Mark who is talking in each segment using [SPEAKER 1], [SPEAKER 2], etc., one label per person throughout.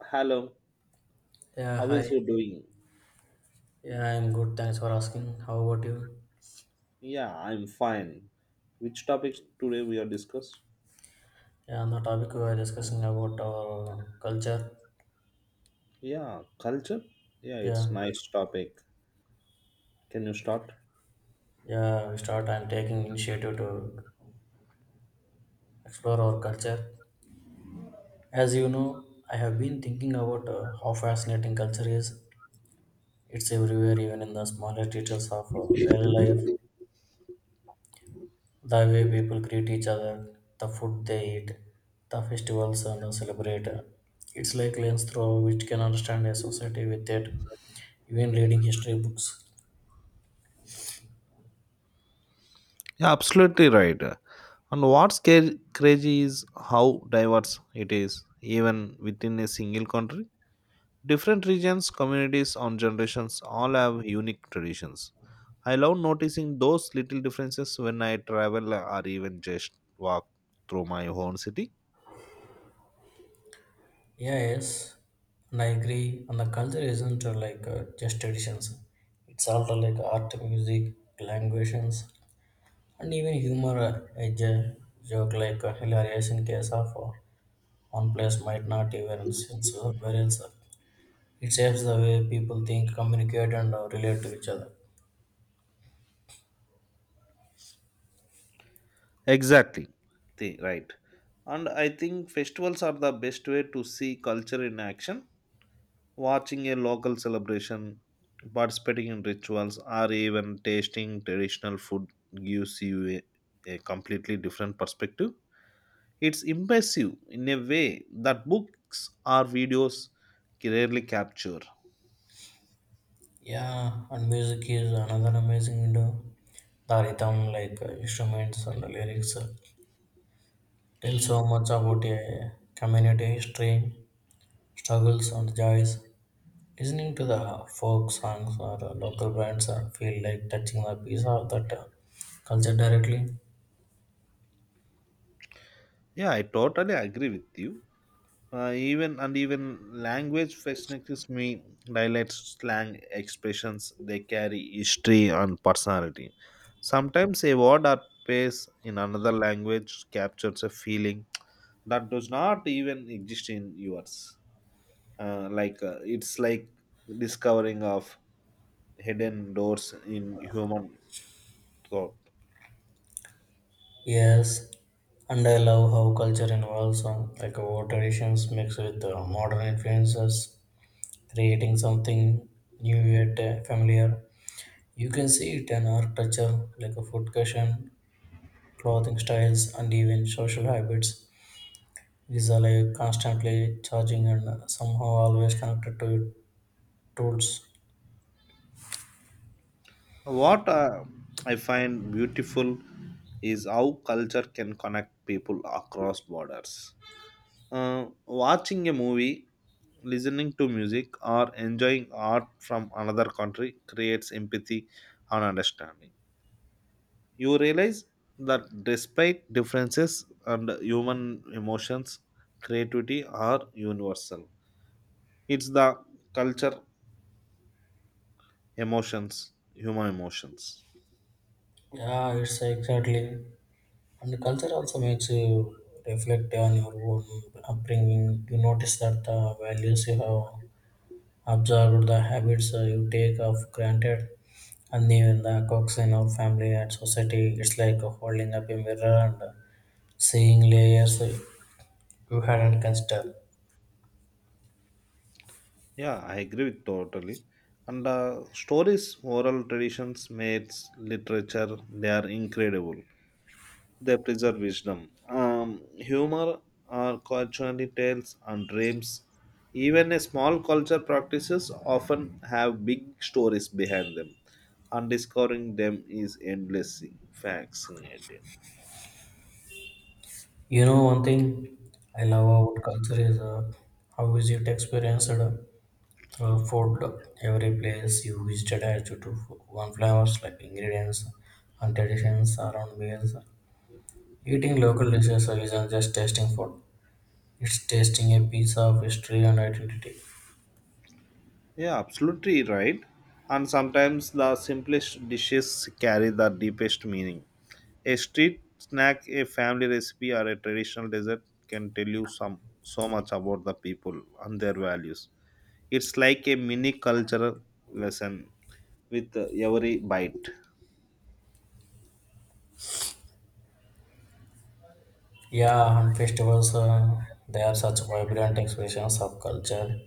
[SPEAKER 1] Hello,
[SPEAKER 2] Yeah,
[SPEAKER 1] how is
[SPEAKER 2] hi.
[SPEAKER 1] you doing?
[SPEAKER 2] Yeah, I'm good. Thanks for asking. How about you?
[SPEAKER 1] Yeah, I'm fine. Which topic today we are discuss?
[SPEAKER 2] Yeah, on the topic we were discussing about our culture.
[SPEAKER 1] Yeah, culture. Yeah,
[SPEAKER 2] Yeah,
[SPEAKER 1] it's nice topic. Can you start?
[SPEAKER 2] yeah, we start. I'm taking initiative to explore our culture. As you know, I have been thinking about how fascinating culture is. It's everywhere, even in the smallest details of daily life. The way people greet each other, the food they eat, the festivals and the celebrate. It's like lens through which can understand a society with it, even reading history books.
[SPEAKER 1] Yeah, absolutely right. And what's crazy is how diverse it is, even within a single country. Different regions, communities, and generations all have unique traditions. I love noticing those little differences when I travel or even just walk through my own city.
[SPEAKER 2] Yeah, yes, and I agree. And the culture isn't just traditions. It's also like art, music, languages, and even humor. A joke like hilarious in case of one place might not even since somewhere else. It shapes the way people think, communicate, and relate to each other.
[SPEAKER 1] Exactly. Right. And I think festivals are the best way to see culture in action. Watching a local celebration, participating in rituals, or even tasting traditional food gives you a completely different perspective. It's immersive in a way that books or videos rarely capture.
[SPEAKER 2] Yeah, and music is another amazing window. The rhythm, instruments and the lyrics, tell so much about a community history, struggles, and joys. Listening to the folk songs or local bands feel like touching a piece of that culture directly.
[SPEAKER 1] Yeah, I totally agree with you. Even and even language fascinates me. Dialects, slang, expressions they carry history and personality. Sometimes a word or phrase in another language captures a feeling that does not even exist in yours. It's like discovering of hidden doors in human thought.
[SPEAKER 2] Yes, and I love how culture involves like our traditions mixed with modern influences, creating something new yet familiar. You can see it in architecture, like a food cushion, clothing styles, and even social habits. These are like constantly charging and somehow always connected to tools.
[SPEAKER 1] What I find beautiful is how culture can connect people across borders. Watching a movie, listening to music, or enjoying art from another country creates empathy and understanding. You realize that despite differences and human emotions, creativity are universal. It's the culture, emotions, human emotions.
[SPEAKER 2] Yeah, it's exactly. And the culture also makes you reflect on your own upbringing. You notice that the values you have observed the habits you take of granted and even the quirks in our family and society. It's like holding up a mirror and seeing layers you hadn't considered.
[SPEAKER 1] Yeah, I agree with totally. And stories, oral traditions, myths, literature, they are incredible. They preserve wisdom. Humor or culturally tales and dreams. Even a small culture practices often have big stories behind them, and discovering them is endlessly fascinating.
[SPEAKER 2] You know one thing I love about culture is how is it experienced through food. Every place you visited had you to do one flavors like ingredients and traditions around meals. Eating local dishes isn't just tasting food; it's tasting a piece of history and identity.
[SPEAKER 1] Yeah, absolutely right. And sometimes the simplest dishes carry the deepest meaning. A street snack, a family recipe, or a traditional dessert can tell you some so much about the people and their values. It's like a mini cultural lesson with every bite.
[SPEAKER 2] Yeah, and festivals, they are such vibrant expressions of culture.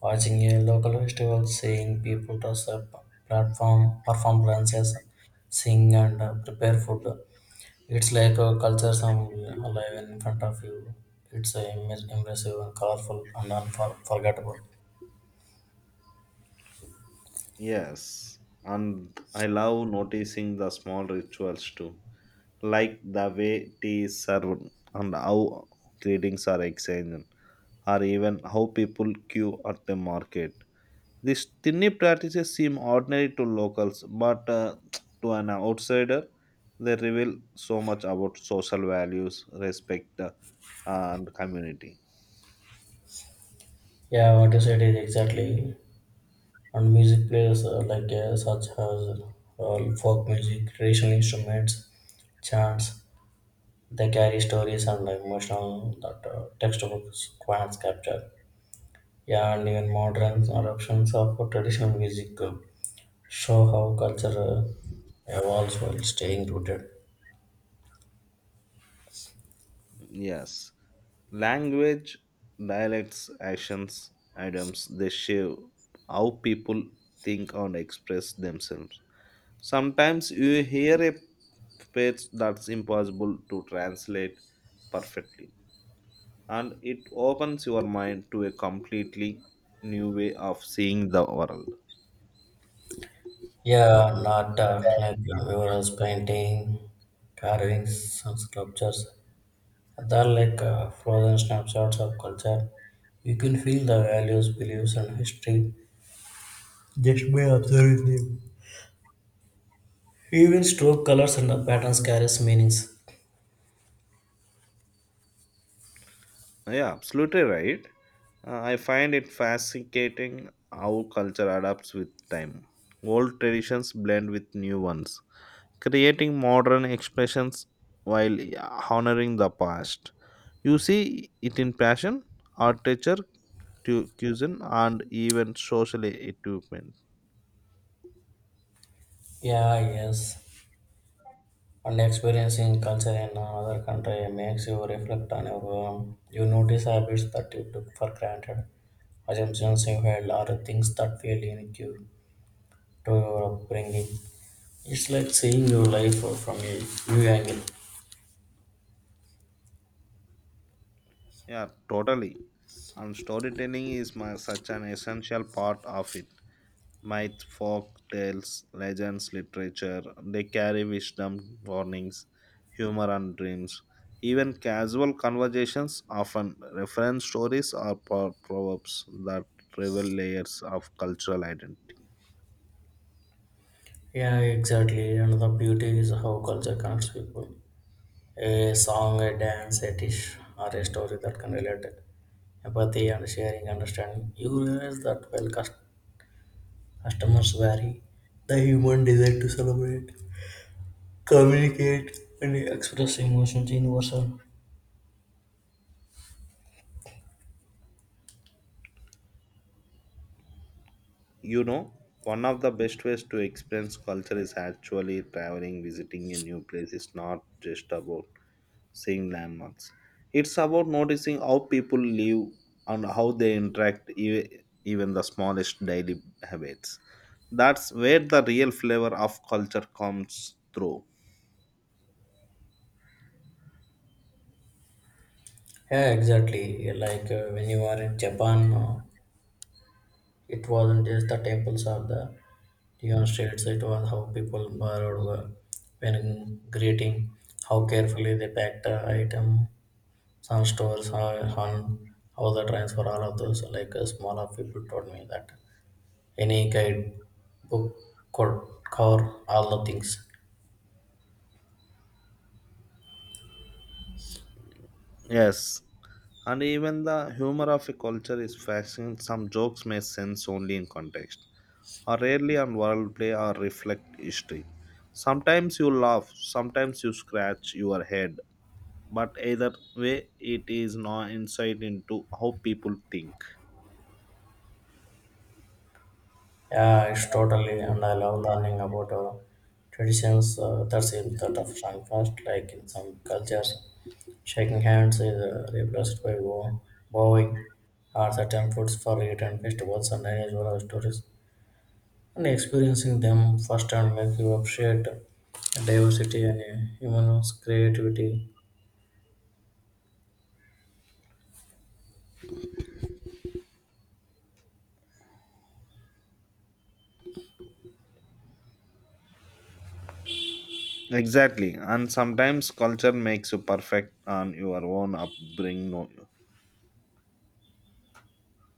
[SPEAKER 2] Watching a local festival, seeing people dress up, platform, perform dances, sing, and prepare food, it's like a culture some alive in front of you. It's impressive and colorful and unforgettable.
[SPEAKER 1] Yes, and I love noticing the small rituals too, like the way tea is served and how greetings are exchanged, or even how people queue at the market. These tiny practices seem ordinary to locals, but to an outsider, they reveal so much about social values, respect, and community.
[SPEAKER 2] Yeah, what you said is exactly. And music plays such as folk music, traditional instruments, chants. They carry stories and emotional that textbooks can't capture. Yeah, and even modern adaptations of traditional music show how culture evolves while staying rooted.
[SPEAKER 1] Yes. Language, dialects, actions, items, they shape how people think and express themselves. Sometimes you hear a phrase that's impossible to translate perfectly, and it opens your mind to a completely new way of seeing the world.
[SPEAKER 2] Yeah, not murals, painting, carvings, and sculptures. They're like frozen snapshots of culture. You can feel the values, beliefs, and history just by observing them. Even stroke colors and the patterns carries meanings.
[SPEAKER 1] Yeah, absolutely right. I find it fascinating how culture adapts with time. Old traditions blend with new ones, creating modern expressions while honoring the past. You see it in fashion, architecture, cuisine, and even social equipment.
[SPEAKER 2] Yeah, yes, and experiencing culture in another country makes you reflect on your own. You notice habits that you took for granted, assumptions you held, or things that feel unique to your upbringing. It's like seeing your life from a new angle.
[SPEAKER 1] Yeah, totally. And storytelling is my, such an essential part of it. Myth, folk tales, legends, literature. They carry wisdom, warnings, humor, and dreams. Even casual conversations often reference stories or proverbs that reveal layers of cultural identity.
[SPEAKER 2] Yeah, exactly. And the beauty is how culture connects people. A song, a dance, a dish, or a story that can relate it. Empathy and sharing understanding. You realize that while customers vary, the human desire to celebrate communicate and express emotions in person.
[SPEAKER 1] You know, one of the best ways to experience culture is actually traveling, visiting a new place. It's not just about seeing landmarks. It's about noticing how people live and how they interact, even the smallest daily habits. That's where the real flavor of culture comes through.
[SPEAKER 2] Yeah, exactly. Like when you are in Japan, it wasn't just the temples or the neon streets, it was how people borrowed when greeting, how carefully they packed the item, some stores, how on how the transfer, all of those. Like a smaller people told me that any guide book could cover all the things.
[SPEAKER 1] Yes, and even the humor of a culture is fascinating. Some jokes make sense only in context, or rarely on wordplay or reflect history. Sometimes you laugh, sometimes you scratch your head, but either way, it is no insight into how people think.
[SPEAKER 2] Yeah, it's totally, and I love learning about traditions that seem sort of strong first, like in some cultures, shaking hands is replaced by bowing, or certain foods for eaten festivals and unusual stories. And experiencing them firsthand makes you appreciate diversity and human creativity.
[SPEAKER 1] Exactly, and sometimes culture makes you perfect on your own upbringing.